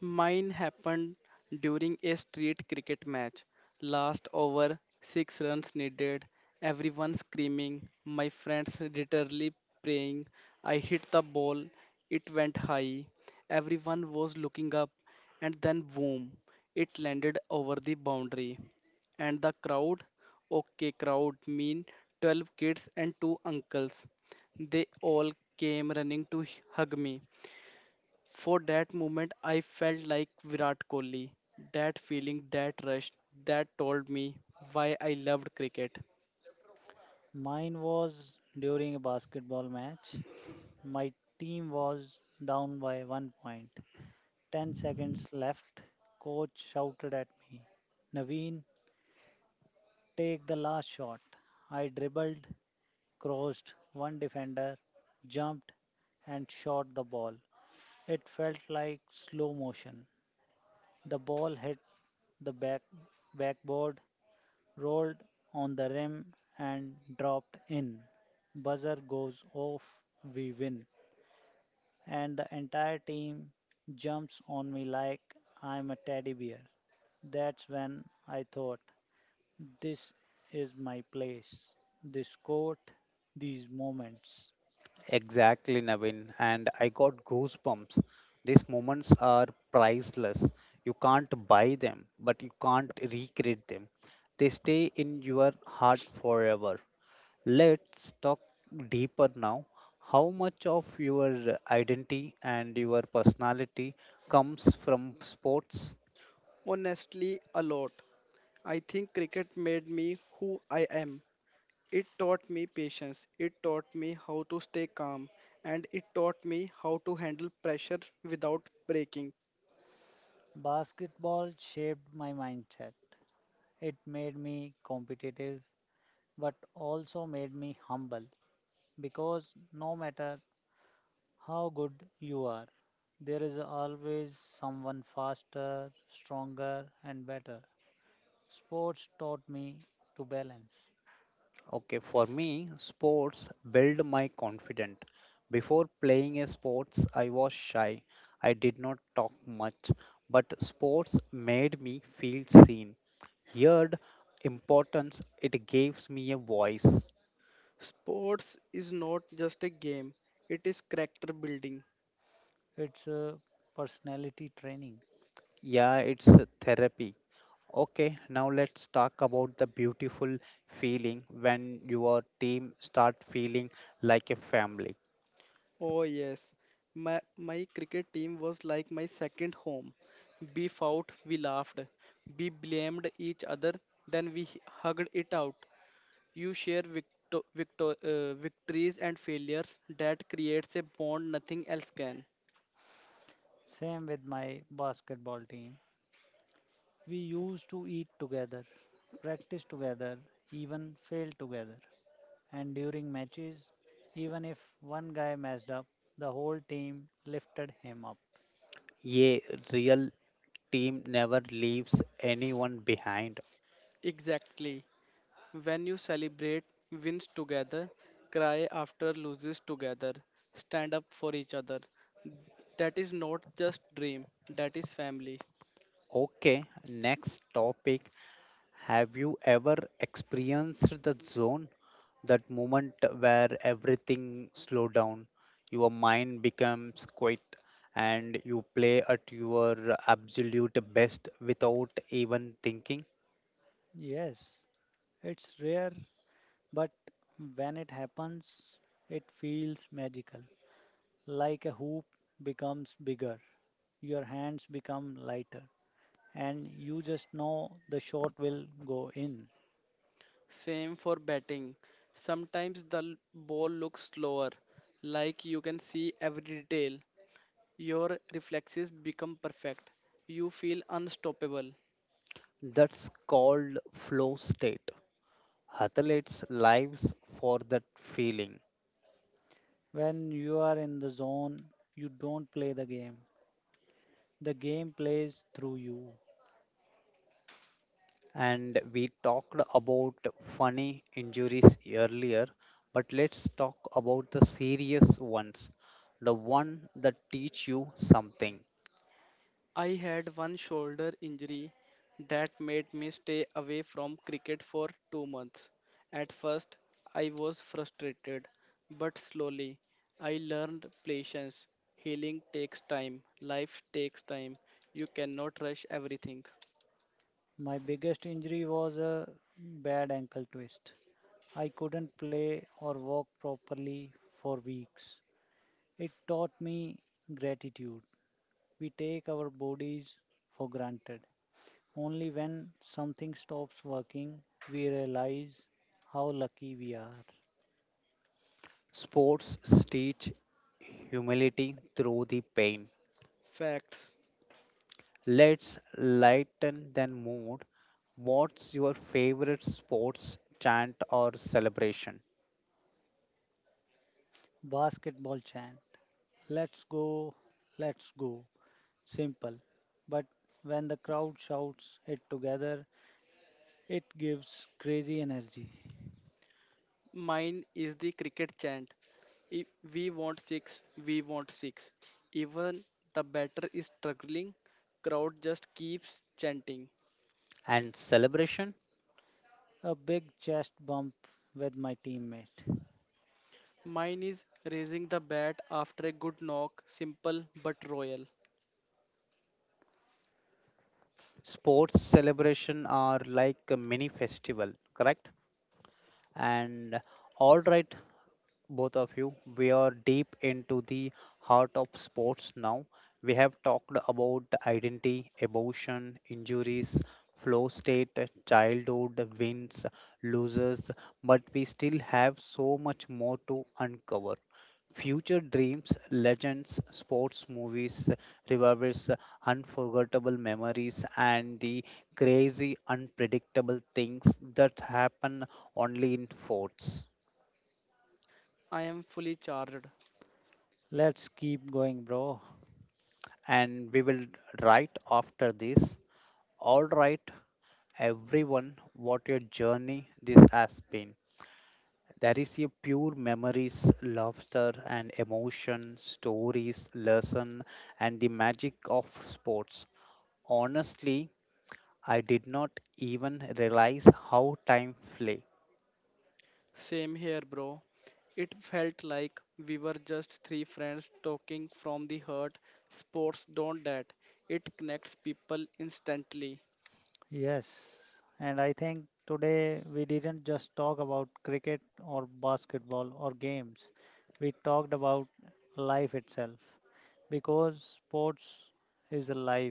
Speaker 2: Mine happened during a street cricket match. Last over, 6 runs needed, everyone screaming, my friends literally praying. I hit the ball, it went high. Everyone was looking up, and then boom, it landed over the boundary. And the crowd, okay, crowd mean 12 kids and two uncles. They all came running to hug me. For that moment, I felt like Virat Kohli. That feeling, that rush, that told me why I loved cricket.
Speaker 3: Mine was during a basketball match. My team was down by one point. 10 seconds left. Coach shouted at me, Naveen, take the last shot. I dribbled, crossed one defender, jumped, and shot the ball. It felt like slow motion. The ball hit the backboard, rolled on the rim, and dropped in. Buzzer goes off, we win. And the entire team jumps on me like I'm a teddy bear. That's when I thought, this is my place, this court, these moments.
Speaker 1: Exactly, Navin. And I got goosebumps. These moments are priceless. You can't buy them, but you can't recreate them. They stay in your heart forever. Let's talk deeper now. How much of your identity and your personality comes from sports?
Speaker 2: Honestly, a lot. I think cricket made me who I am. It taught me patience, it taught me how to stay calm, and it taught me how to handle pressure without breaking.
Speaker 3: Basketball shaped my mindset. It made me competitive, but also made me humble because no matter how good you are, there is always someone faster, stronger, and better. Sports taught me to balance.
Speaker 1: Okay, for me, sports build my confidence. Before playing a sports, I was shy. I did not talk much, but sports made me feel seen. Heard importance, it gives me a voice.
Speaker 2: Sports is not just a game, it is character building.
Speaker 3: It's a personality training.
Speaker 1: Yeah, it's a therapy. Okay, now let's talk about the beautiful feeling when your team start feeling like a family.
Speaker 2: Oh yes, my cricket team was like my second home. We fought, we laughed, we blamed each other, then we hugged it out. You share victories and failures that creates a bond nothing else can.
Speaker 3: Same with my basketball team. We used to eat together, practice together, even fail together. And during matches, even if one guy messed up, the whole team lifted him up.
Speaker 1: A real team never leaves anyone behind.
Speaker 2: Exactly. When you celebrate wins together, cry after loses together, stand up for each other. That is not just dream, that is family.
Speaker 1: Okay, next topic. Have you ever experienced the zone, that moment where everything slow down, your mind becomes quiet, and you play at your absolute best without even thinking?
Speaker 3: Yes, it's rare, but when it happens, it feels magical. Like a hoop becomes bigger, your hands become lighter, and you just know the shot will go in.
Speaker 2: Same for batting. Sometimes the ball looks slower, like you can see every detail. Your reflexes become perfect. You feel unstoppable.
Speaker 1: That's called flow state. Athletes lives for that feeling.
Speaker 3: When you are in the zone, you don't play the game, the game plays through you.
Speaker 1: And we talked about funny injuries earlier, but let's talk about the serious ones, the one that teach you something.
Speaker 2: I had one shoulder injury that made me stay away from cricket for 2 months. At first, I was frustrated, but slowly I learned patience. Healing takes time, life takes time. You cannot rush everything.
Speaker 3: My biggest injury was a bad ankle twist. I couldn't play or walk properly for weeks. It taught me gratitude. We take our bodies for granted. Only when something stops working, we realize how lucky we are.
Speaker 1: Sports teach humility through the pain.
Speaker 2: Facts.
Speaker 1: Let's lighten the mood. What's your favorite sports chant or celebration?
Speaker 3: Basketball chant. Let's go, let's go. Simple. But when the crowd shouts it together, it gives crazy energy.
Speaker 2: Mine is the cricket chant. If we want six, we want six. Even the batter is struggling, crowd just keeps chanting.
Speaker 1: And celebration?
Speaker 3: A big chest bump with my teammate.
Speaker 2: Mine is raising the bat after a good knock, simple but royal.
Speaker 1: Sports celebration are like a mini festival, correct? And all right, both of you, we are deep into the heart of sports now. We have talked about identity, emotion, injuries, flow state, childhood, wins, losses, but we still have so much more to uncover. Future dreams, legends, sports movies, revolvers, unforgettable memories, and the crazy, unpredictable things that happen only in forts.
Speaker 2: I am fully charged.
Speaker 3: Let's keep going, bro.
Speaker 1: And we will write after this. All right, everyone, what your journey this has been. There is a pure memories, laughter, and emotion, stories, lesson, and the magic of sports. Honestly, I did not even realize how time flew.
Speaker 2: Same here, bro. It felt like we were just three friends talking from the heart. Sports don't that. It connects people instantly.
Speaker 3: Yes. And I think today we didn't just talk about cricket or basketball or games. We talked about life itself because sports is a life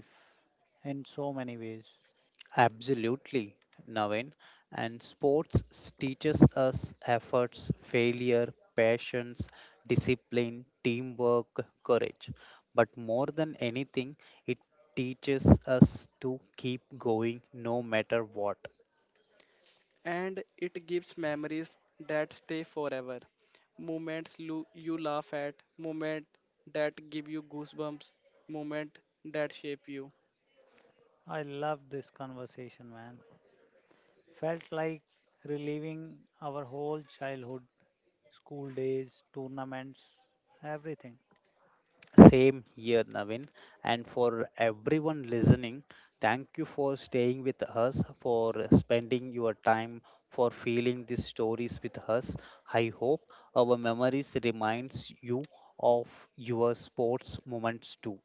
Speaker 3: in so many ways.
Speaker 1: Absolutely, Navin. And sports teaches us efforts, failure, patience, discipline, teamwork, courage. But more than anything, it teaches us to keep going no matter what.
Speaker 2: And it gives memories that stay forever. Moments you laugh at, moments that give you goosebumps, moments that shape you.
Speaker 3: I love this conversation, man. Felt like reliving our whole childhood school days, tournaments, everything.
Speaker 1: Same here, Navin. And for everyone listening, thank you for staying with us, for spending your time, for feeling these stories with us. I hope our memories reminds you of your sports moments too.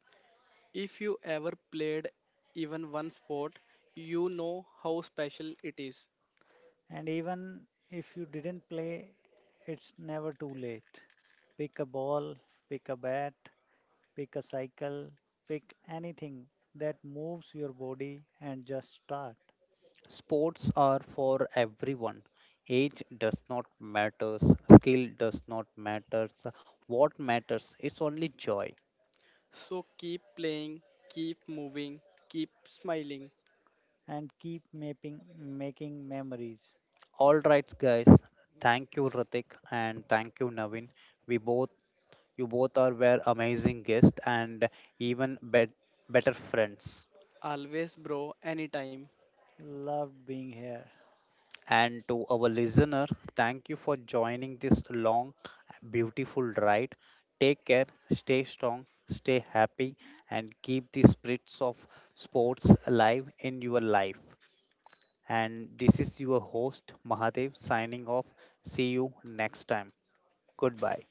Speaker 2: If you ever played even one sport, you know how special it is.
Speaker 3: And even if you didn't play, it's never too late. Pick a ball, pick a bat, pick a cycle, pick anything that moves your body and just start.
Speaker 1: Sports are for everyone. Age does not matters, skill does not matters. What matters is only joy.
Speaker 2: So keep playing, keep moving, keep smiling.
Speaker 3: And keep making memories.
Speaker 1: All right, guys. Thank you, Ratik, and thank you, Navin. We both You both are were amazing guests and even bet, better friends.
Speaker 2: Always, bro, anytime.
Speaker 3: Loved being here.
Speaker 1: And to our listener, thank you for joining this long, beautiful ride. Take care, stay strong, stay happy, and keep the spirits of sports alive in your life. And this is your host, Mahadev, signing off. See you next time. Goodbye.